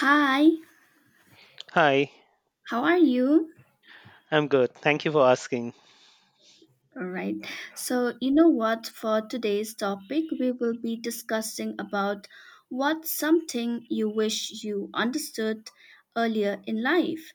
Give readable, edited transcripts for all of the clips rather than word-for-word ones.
Hi, Hi, how are you? I'm good. Thank you for asking. All right. So, you know what? For today's topic, we will be discussing about what's something you wish you understood earlier in life.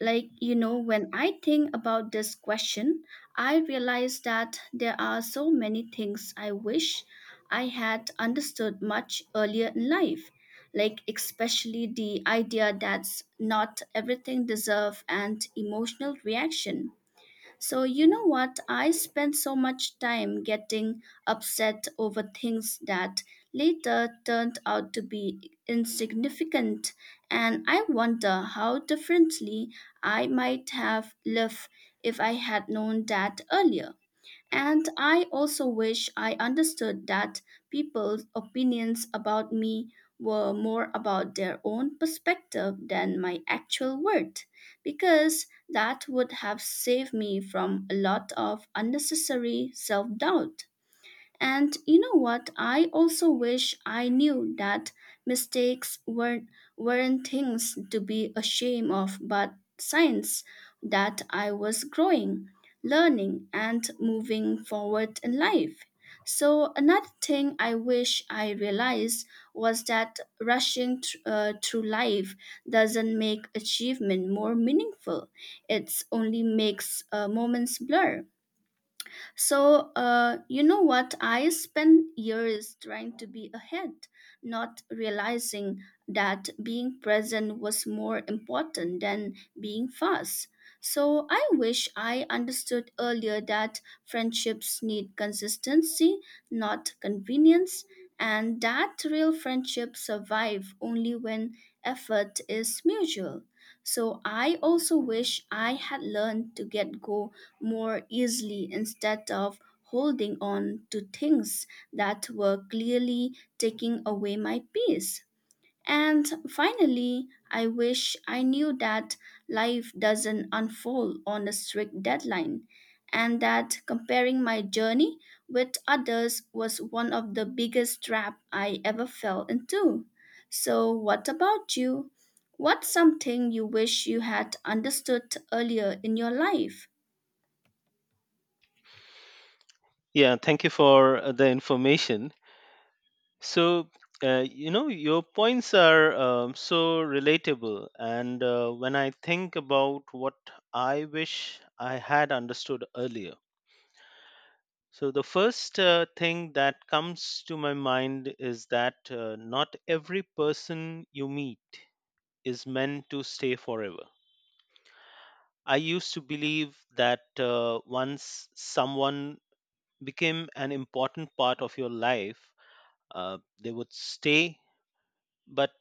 Like, you know, when I think about this question, I realize that there are so many things I wish I had understood much earlier in life. Like, especially the idea that not everything deserves an emotional reaction. So, you know what? I spent so much time getting upset over things that later turned out to be insignificant, and I wonder how differently I might have lived if I had known that earlier. And I also wish I understood that people's opinions about me were more about their own perspective than my actual worth, because that would have saved me from a lot of unnecessary self doubt. And you know what? I also wish I knew that mistakes weren't things to be ashamed of, but signs that I was growing, learning, and moving forward in life. So, another thing I wish I realized was that through life doesn't make achievement more meaningful, it only makes moments blur. So, you know what? I spent years trying to be ahead, not realizing that being present was more important than being fast. So, I wish I understood earlier that friendships need consistency, not convenience, and that real friendships survive only when effort is mutual. So, I also wish I had learned to get go more easily instead of holding on to things that were clearly taking away my peace. And finally, I wish I knew that life doesn't unfold on a strict deadline and that comparing my journey with others was one of the biggest trap I ever fell into. So, what about you? What's something you wish you had understood earlier in your life? Yeah, thank you for the information. So, your points are so relatable. And when I think about what I wish I had understood earlier, so the first thing that comes to my mind is that not every person you meet is meant to stay forever. I used to believe that once someone became an important part of your life. They would stay, but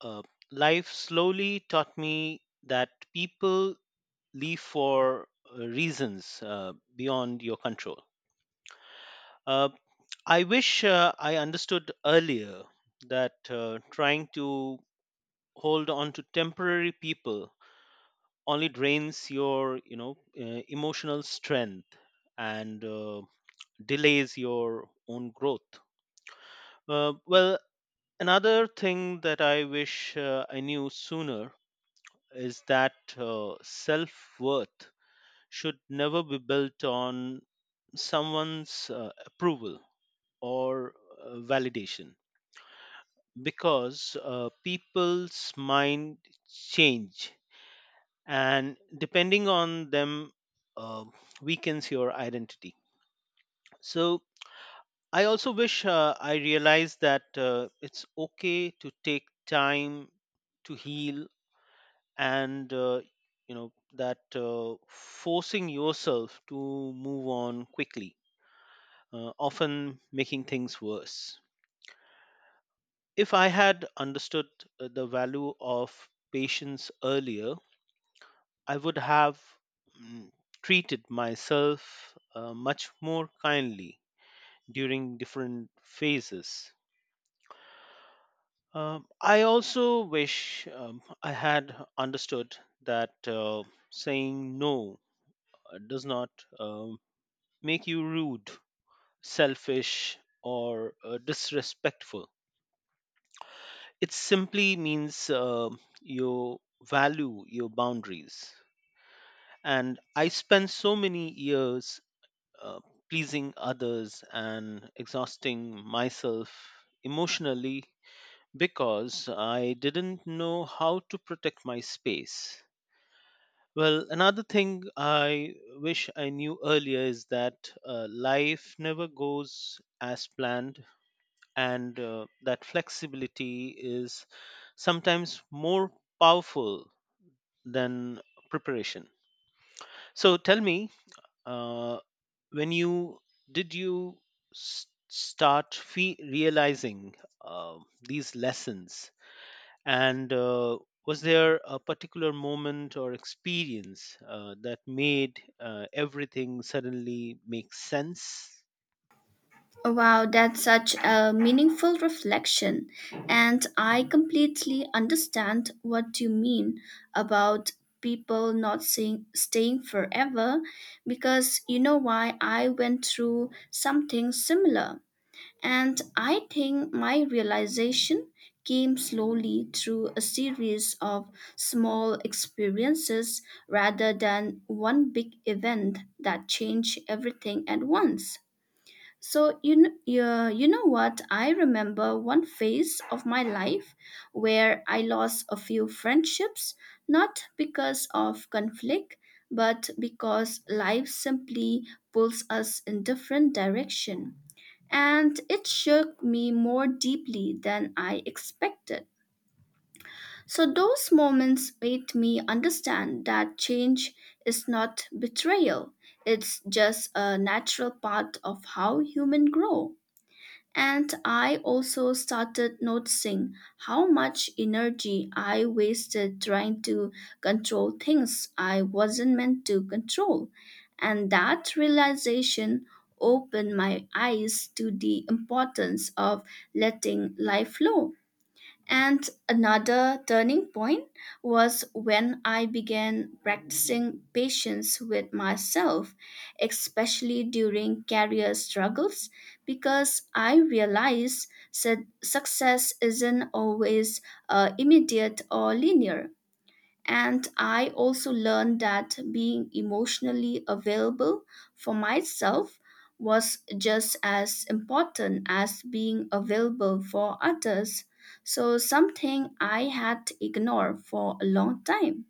uh, life slowly taught me that people leave for reasons beyond your control. Uh, I wish I understood earlier that trying to hold on to temporary people only drains your emotional strength and delays your own growth. Uh, well, Another thing that I wish I knew sooner is that self worth should never be built on someone's approval or validation because people's mind change and depending on them uh, weakens your identity. So I also wish I realized that it's okay to take time to heal and, you know, that forcing yourself to move on quickly often making things worse. If I had understood the value of patience earlier, I would have mm, treated myself much more kindly during different phases. I also wish I had understood that, saying no does not, um, make you rude, selfish, or disrespectful. It simply means you value your boundaries. And I spent so many years uh, pleasing others and exhausting myself emotionally because I didn't know how to protect my space. Well, another thing I wish I knew earlier is that life never goes as planned and that flexibility is sometimes more powerful than preparation. So tell me, uh, when you did you start realizing uh, these lessons, and was there a particular moment or experience that made everything suddenly make sense? Wow, that's such a meaningful reflection. And I completely understand what you mean about people not seeing, staying forever because you know why I went through something similar. And I think my realization came slowly through a series of small experiences rather than one big event that changed everything at once. So you know, yeah, you know what? I remember one phase of my life where I lost a few friendships, not because of conflict, but because life simply pulls us in different direction. And it shook me more deeply than I expected. So those moments made me understand that change is not betrayal. It's just a natural part of how humans grow. And I also started noticing how much energy I wasted trying to control things I wasn't meant to control. And that realization opened my eyes to the importance of letting life flow. And another turning point was when I began practicing patience with myself, especially during career struggles, because I realized that success isn't always immediate or linear. And I also learned that being emotionally available for myself was just as important as being available for others. So, something I had ignored for a long time.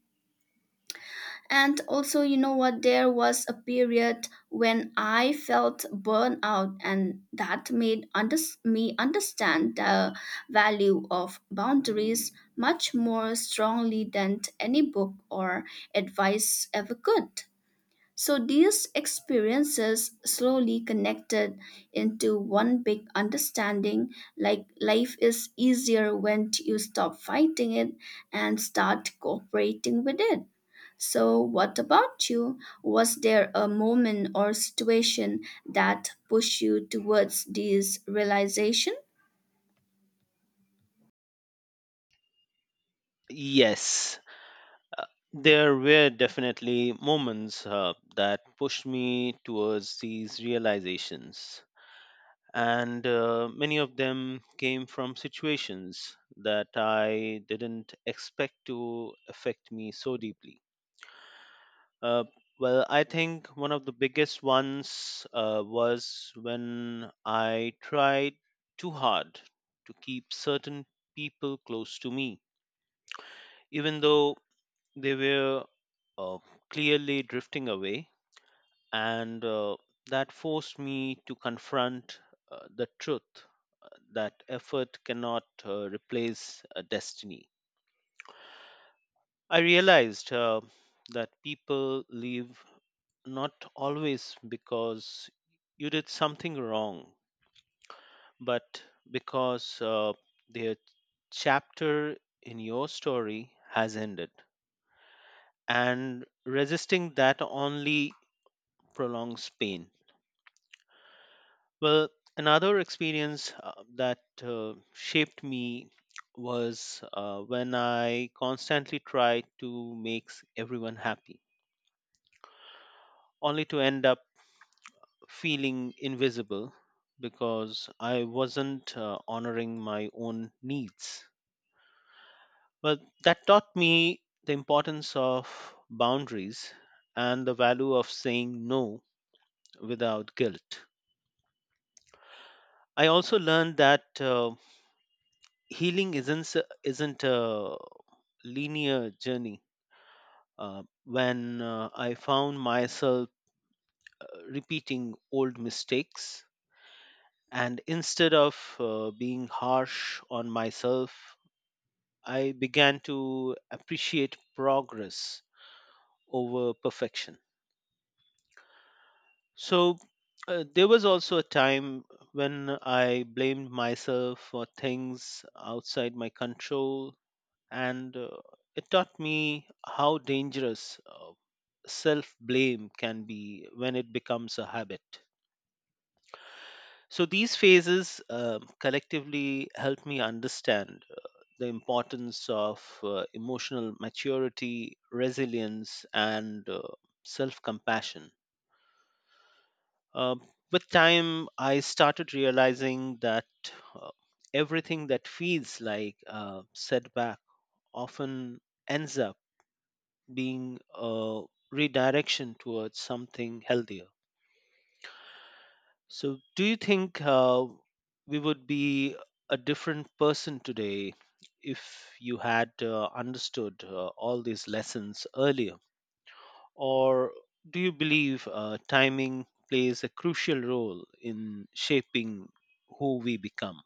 And also, you know what? There was a period when I felt burnout, and that made me understand the value of boundaries much more strongly than any book or advice ever could. So, these experiences slowly connected into one big understanding like life is easier when you stop fighting it and start cooperating with it. So, what about you? Was there a moment or situation that pushed you towards this realization? Yes, there were definitely moments that pushed me towards these realizations, and many of them came from situations that I didn't expect to affect me so deeply. Uh, I think one of the biggest ones was when I tried too hard to keep certain people close to me, even though they were uh, clearly drifting away, and that forced me to confront the truth that effort cannot replace destiny. I realized that people leave not always because you did something wrong, but because their chapter in your story has ended. And resisting that only prolongs pain. Well, another experience that shaped me was when I constantly tried to make everyone happy, only to end up feeling invisible because I wasn't honoring my own needs. Well, that taught me the importance of boundaries and the value of saying no without guilt. I also learned that healing isn't a linear journey. When I found myself uh, repeating old mistakes, and instead of being harsh on myself, I began to appreciate progress over perfection. So there was also a time when I blamed myself for things outside my control, and it taught me how dangerous self blame can be when it becomes a habit. So, these phases collectively help me understand the importance of emotional maturity, resilience, and self compassion. Um with time, I started realizing that uh, everything that feels like a setback often ends up being a redirection towards something healthier. So, do you think we would be a different person today if you had understood all these lessons earlier? Or do you believe timing plays a crucial role in shaping who we become?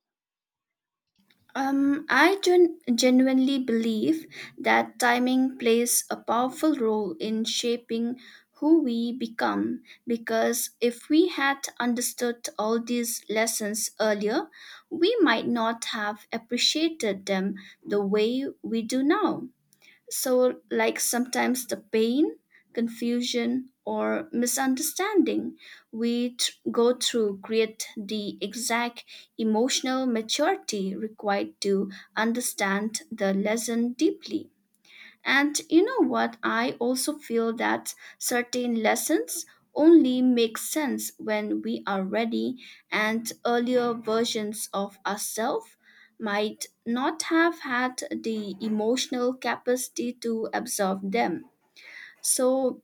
I genuinely believe that timing plays a powerful role in shaping who we become because if we had understood all these lessons earlier, we might not have appreciated them the way we do now. So, like sometimes the pain, confusion, or misunderstanding we go through create the exact emotional maturity required to understand the lesson deeply. And you know what? I also feel that certain lessons only make sense when we are ready, and earlier versions of ourselves might not have had the emotional capacity to absorb them. So,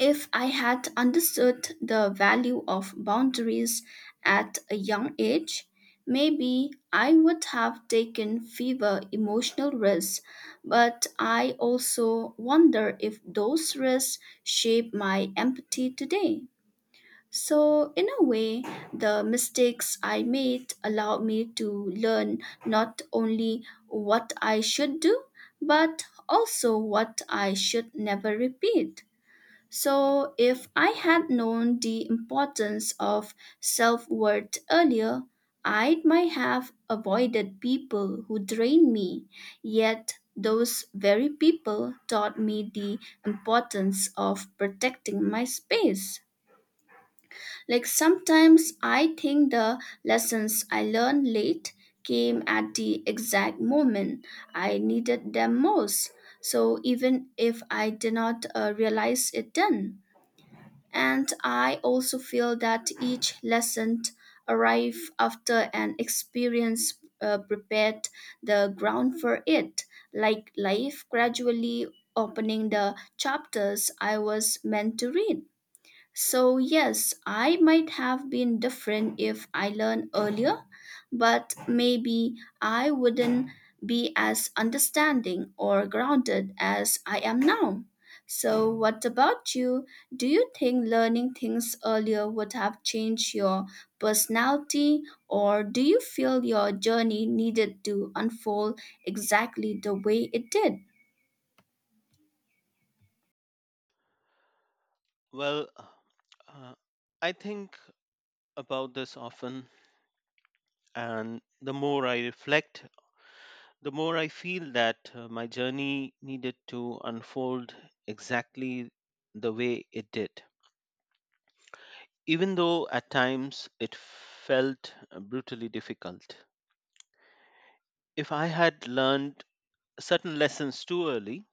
if I had understood the value of boundaries at a young age, maybe I would have taken fewer emotional risks, but I also wonder if those risks shape my empathy today. So, in a way, the mistakes I made allowed me to learn not only what I should do, but also what I should never repeat. So, if I had known the importance of self worth earlier, I might have avoided people who drained me. Yet, those very people taught me the importance of protecting my space. Like sometimes I think the lessons I learned late came at the exact moment I needed them most. So, even if I did not realize it then, and I also feel that each lesson arrived after an experience prepared the ground for it, like life gradually opening the chapters I was meant to read. So, yes, I might have been different if I learned earlier, but maybe I wouldn't be as understanding or grounded as I am now. So, what about you? Do you think learning things earlier would have changed your personality, or do you feel your journey needed to unfold exactly the way it did? Well, uh, I think about this often, and the more I reflect, the more I feel that my journey needed to unfold exactly the way it did, even though at times it felt brutally difficult. If I had learned certain lessons too early,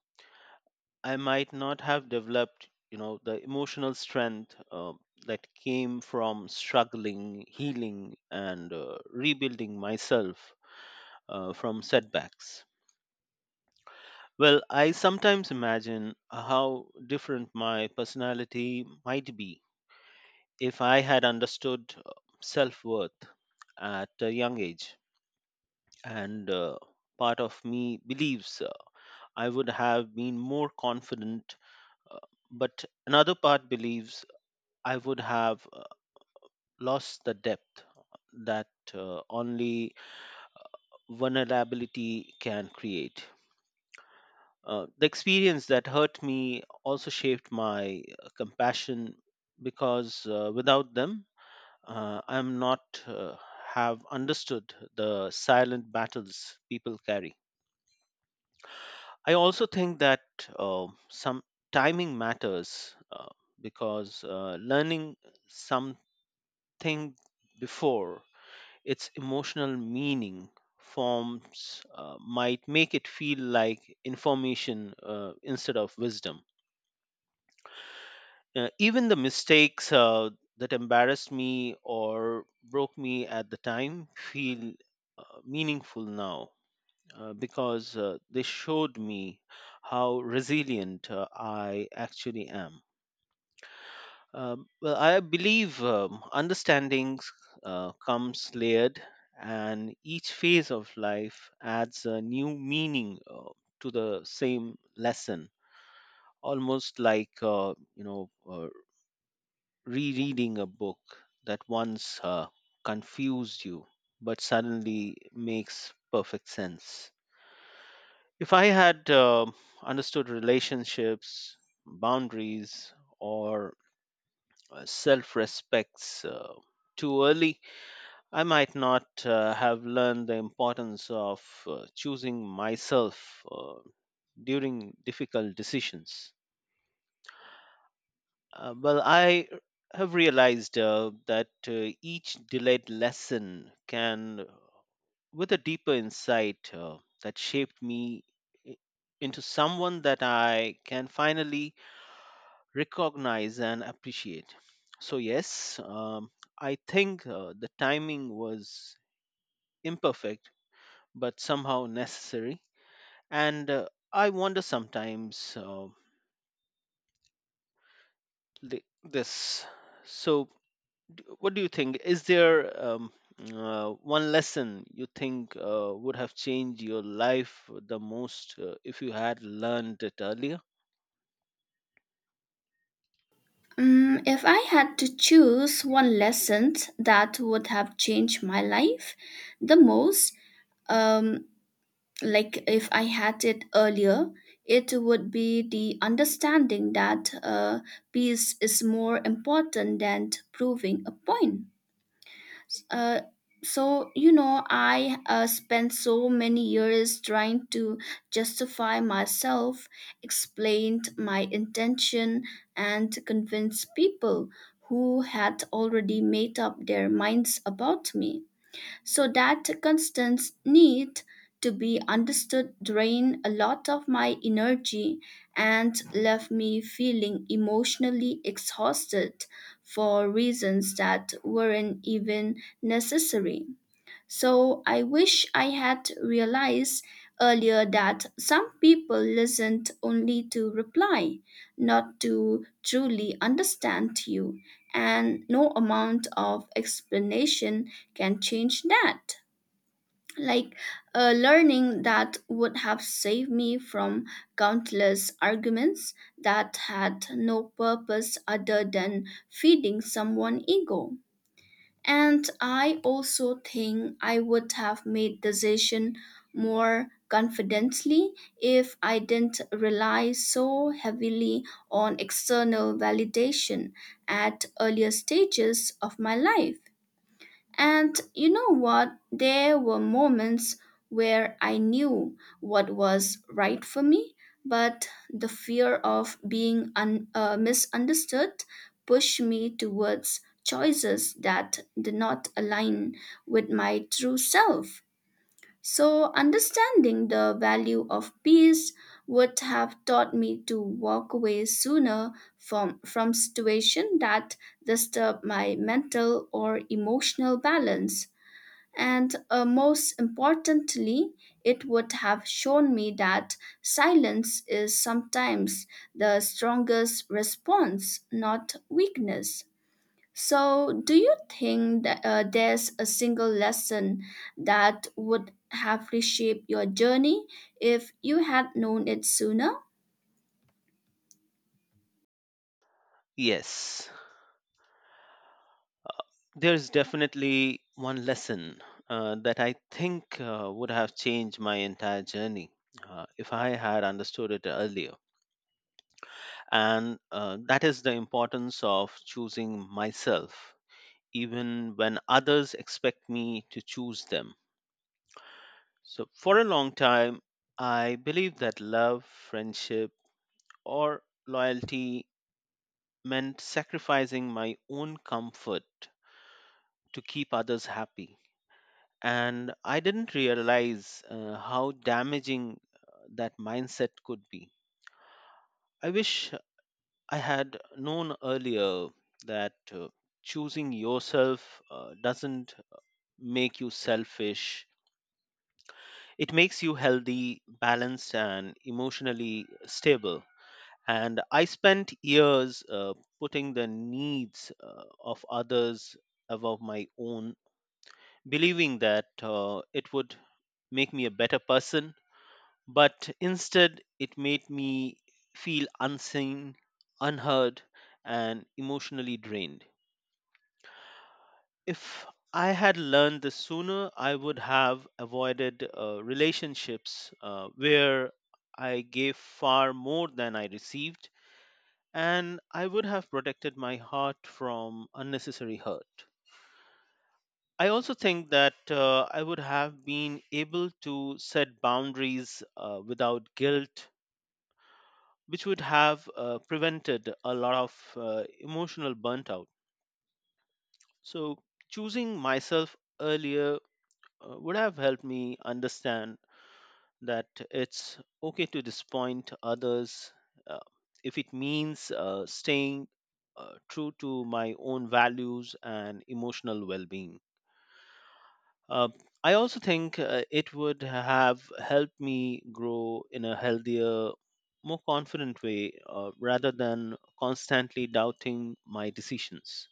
I might not have developed, you know, the emotional strength that came from struggling, healing, and rebuilding myself from setbacks. Well, I sometimes imagine how different my personality might be if I had understood self worth at a young age. And part of me believes I would have been more confident, uh, but another part believes I would have lost the depth that only vulnerability can create. The experience that hurt me also shaped my compassion because without them, I'm not uh, have understood the silent battles people carry. I also think that some timing matters, because learning something before its emotional meaning forms might make it feel like information instead of wisdom. Even the mistakes that embarrassed me or broke me at the time feel meaningful now because they showed me how resilient I actually am. Well, I believe understanding comes layered, and each phase of life adds a new meaning to the same lesson. Almost like, you know, rereading a book that once confused you but suddenly makes perfect sense. If I had understood relationships, boundaries, or self respects too early, I might not have learned the importance of choosing myself uh, during difficult decisions. I have realized that each delayed lesson can, with a deeper insight that shaped me i- into someone that I can finally recognize and appreciate. So, yes, I think the timing was imperfect, but somehow necessary. And I wonder sometimes this. So, what do you think, is there um, uh, one lesson you think would have changed your life the most if you had learned it earlier? Mm, if I had to choose one lesson that would have changed my life the most, um, like if I had it earlier, it would be the understanding that peace is more important than proving a point. Uh, so you know, I spent so many years trying to justify myself, explained my intention, and convince people who had already made up their minds about me. So that constant need to be understood drained a lot of my energy and left me feeling emotionally exhausted for reasons that weren't even necessary. So I wish I had realized earlier that some people listened only to reply, not to truly understand you, and no amount of explanation can change that. Like a learning that would have saved me from countless arguments that had no purpose other than feeding someone ego. And I also think I would have made decision more confidently if I didn't rely so heavily on external validation at earlier stages of my life. And you know what? There were moments where I knew what was right for me, but the fear of being misunderstood pushed me towards choices that did not align with my true self. So, understanding the value of peace would have taught me to walk away sooner from situations that disturb my mental or emotional balance. And most importantly, it would have shown me that silence is sometimes the strongest response, not weakness. So, do you think that there's a single lesson that would have reshaped your journey if you had known it sooner? Yes, there's definitely one lesson that I think would have changed my entire journey if I had understood it earlier, and that is the importance of choosing myself even when others expect me to choose them. So, for a long time, I believed that love, friendship, or loyalty meant sacrificing my own comfort to keep others happy. And I didn't realize how damaging that mindset could be. I wish I had known earlier that choosing yourself doesn't make you selfish. It makes you healthy, balanced, and emotionally stable. And I spent years putting the needs of others above my own, believing that it would make me a better person. But instead, it made me feel unseen, unheard, and emotionally drained. If I had learned this sooner, I would have avoided relationships where I gave far more than I received, and I would have protected my heart from unnecessary hurt. I also think that I would have been able to set boundaries without guilt, which would have prevented a lot of emotional burnt out. So, choosing myself earlier would have helped me understand that it's okay to disappoint others uh, if it means staying true to my own values and emotional well being. Uh, I also think it would have helped me grow in a healthier, more confident way rather than constantly doubting my decisions.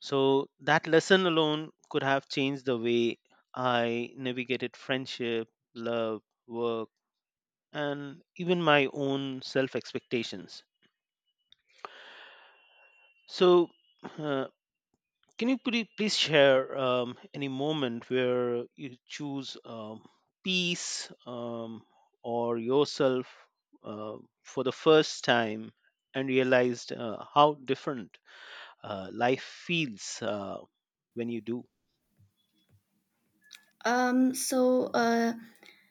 So, that lesson alone could have changed the way I navigated friendship, love, work and even my own self expectations. So, uh, can you please share any moment where you choose peace or yourself uh, for the first time and realized how different life feels when you do? Um, so, uh,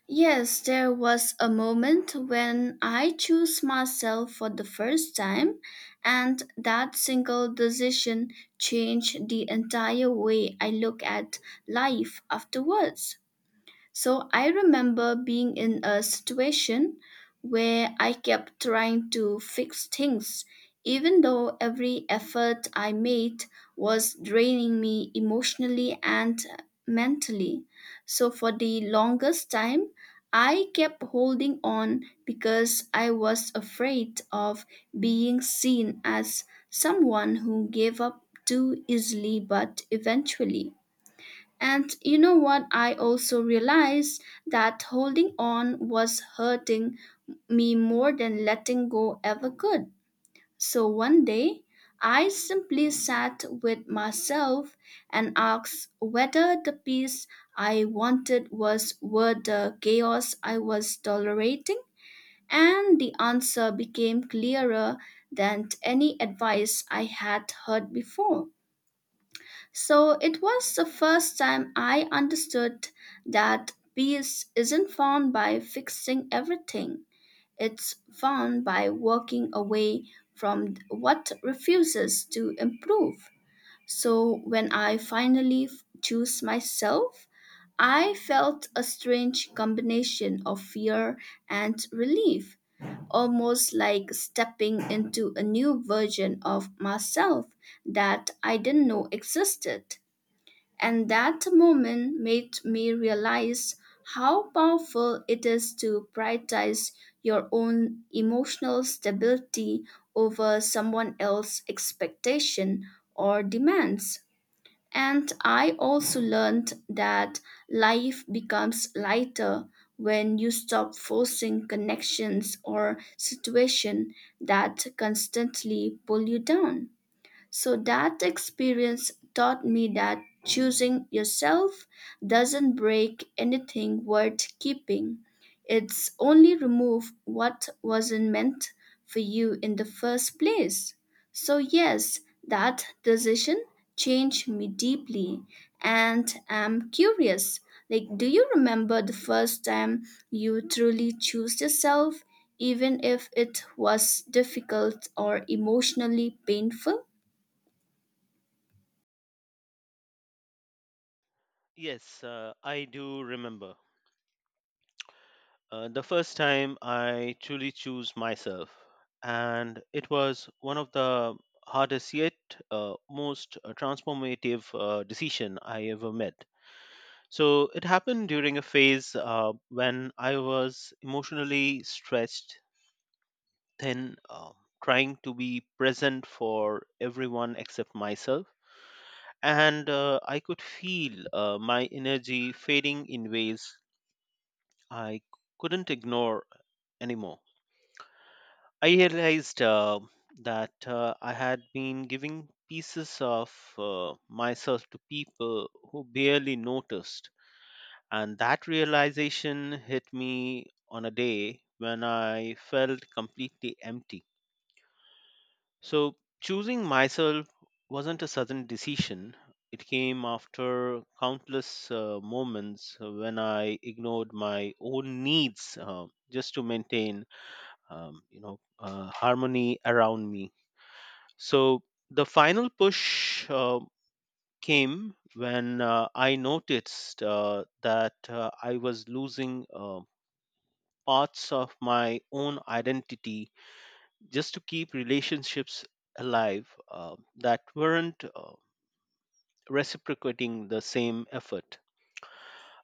yes, there was a moment when I chose myself for the first time, and that single decision changed the entire way I look at life afterwards. So I remember being in a situation where I kept trying to fix things, even though every effort I made was draining me emotionally and mentally. So for the longest time, I kept holding on because I was afraid of being seen as someone who gave up too easily, but eventually. And you know what? I also realized that holding on was hurting me more than letting go ever could. So one day, I simply sat with myself and asked whether the peace I wanted was worth the chaos I was tolerating. And the answer became clearer than any advice I had heard before. So it was the first time I understood that peace isn't found by fixing everything. It's found by walking away from what refuses to improve. So when I finally choose myself, I felt a strange combination of fear and relief, almost like stepping into a new version of myself that I didn't know existed. And that moment made me realize how powerful it is to prioritize your own emotional stability over someone else's expectation or demands. And I also learned that life becomes lighter when you stop forcing connections or situation that constantly pull you down. So that experience taught me that choosing yourself doesn't break anything worth keeping. It's only remove what wasn't meant for you in the first place. So yes, that decision changed me deeply, and I'm curious. Like, do you remember the first time you truly chose yourself, even if it was difficult or emotionally painful? Yes, I do remember. The first time I truly choose myself, and it was one of the hardest yet most transformative decision I ever made. So it happened during a phase when I was emotionally stretched, thin, trying to be present for everyone except myself, and I could feel my energy fading in ways I couldn't ignore anymore. I realized that I had been giving pieces of myself to people who barely noticed. And that realization hit me on a day when I felt completely empty. So, choosing myself wasn't a sudden decision, it came after countless moments when I ignored my own needs just to maintain harmony around me. So the final push came when I noticed that I was losing parts of my own identity just to keep relationships alive that weren't reciprocating the same effort.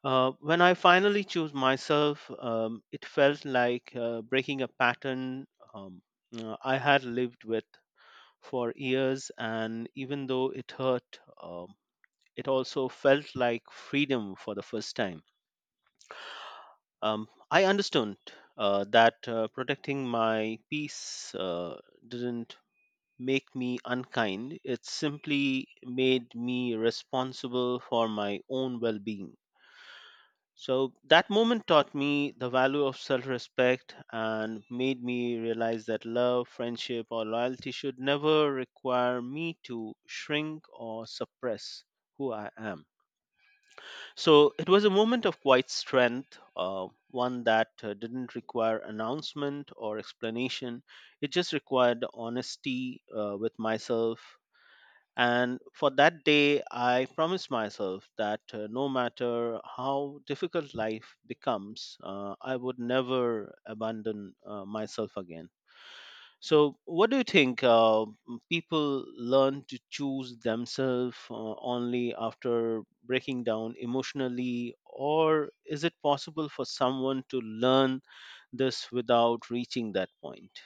When I finally chose myself, it felt like breaking a pattern um, I had lived with for years, and even though it hurt, it also felt like freedom for the first time. I understood that protecting my peace didn't make me unkind, it simply made me responsible for my own well being. So that moment taught me the value of self respect and made me realize that love, friendship, or loyalty should never require me to shrink or suppress who I am. So it was a moment of quiet strength, one that didn't require announcement or explanation. It just required honesty with myself. And for that day, I promised myself that no matter how difficult life becomes, I would never abandon myself again. So, what do you think? M- people learn to choose themselves only after breaking down emotionally, or is it possible for someone to learn this without reaching that point?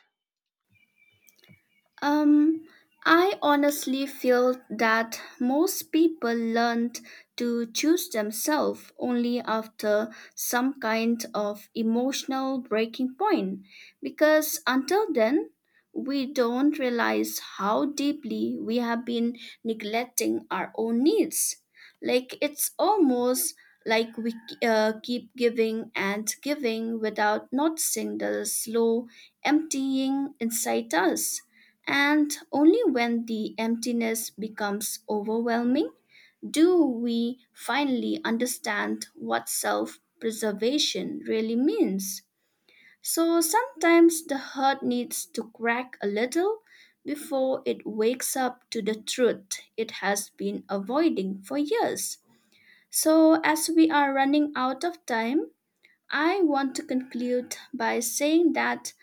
Um, I honestly feel that most people learned to choose themselves only after some kind of emotional breaking point, because until then, we don't realize how deeply we have been neglecting our own needs. Like it's almost like we keep giving and giving without noticing the slow emptying inside us. And only when the emptiness becomes overwhelming do we finally understand what self preservation really means. So sometimes the heart needs to crack a little before it wakes up to the truth it has been avoiding for years. So, as we are running out of time, I want to conclude by saying that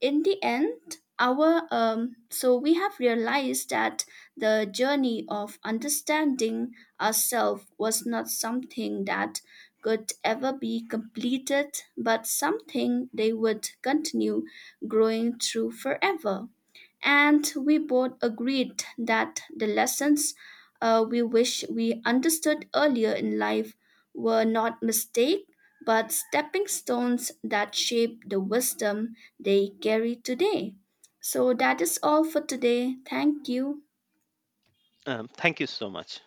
in the end our so we have realized that the journey of understanding ourselves was not something that could ever be completed but something they would continue growing through forever, and we both agreed that the lessons we wish we understood earlier in life were not mistakes but stepping stones that shape the wisdom they carry today. So that is all for today. Thank you. Thank you so much.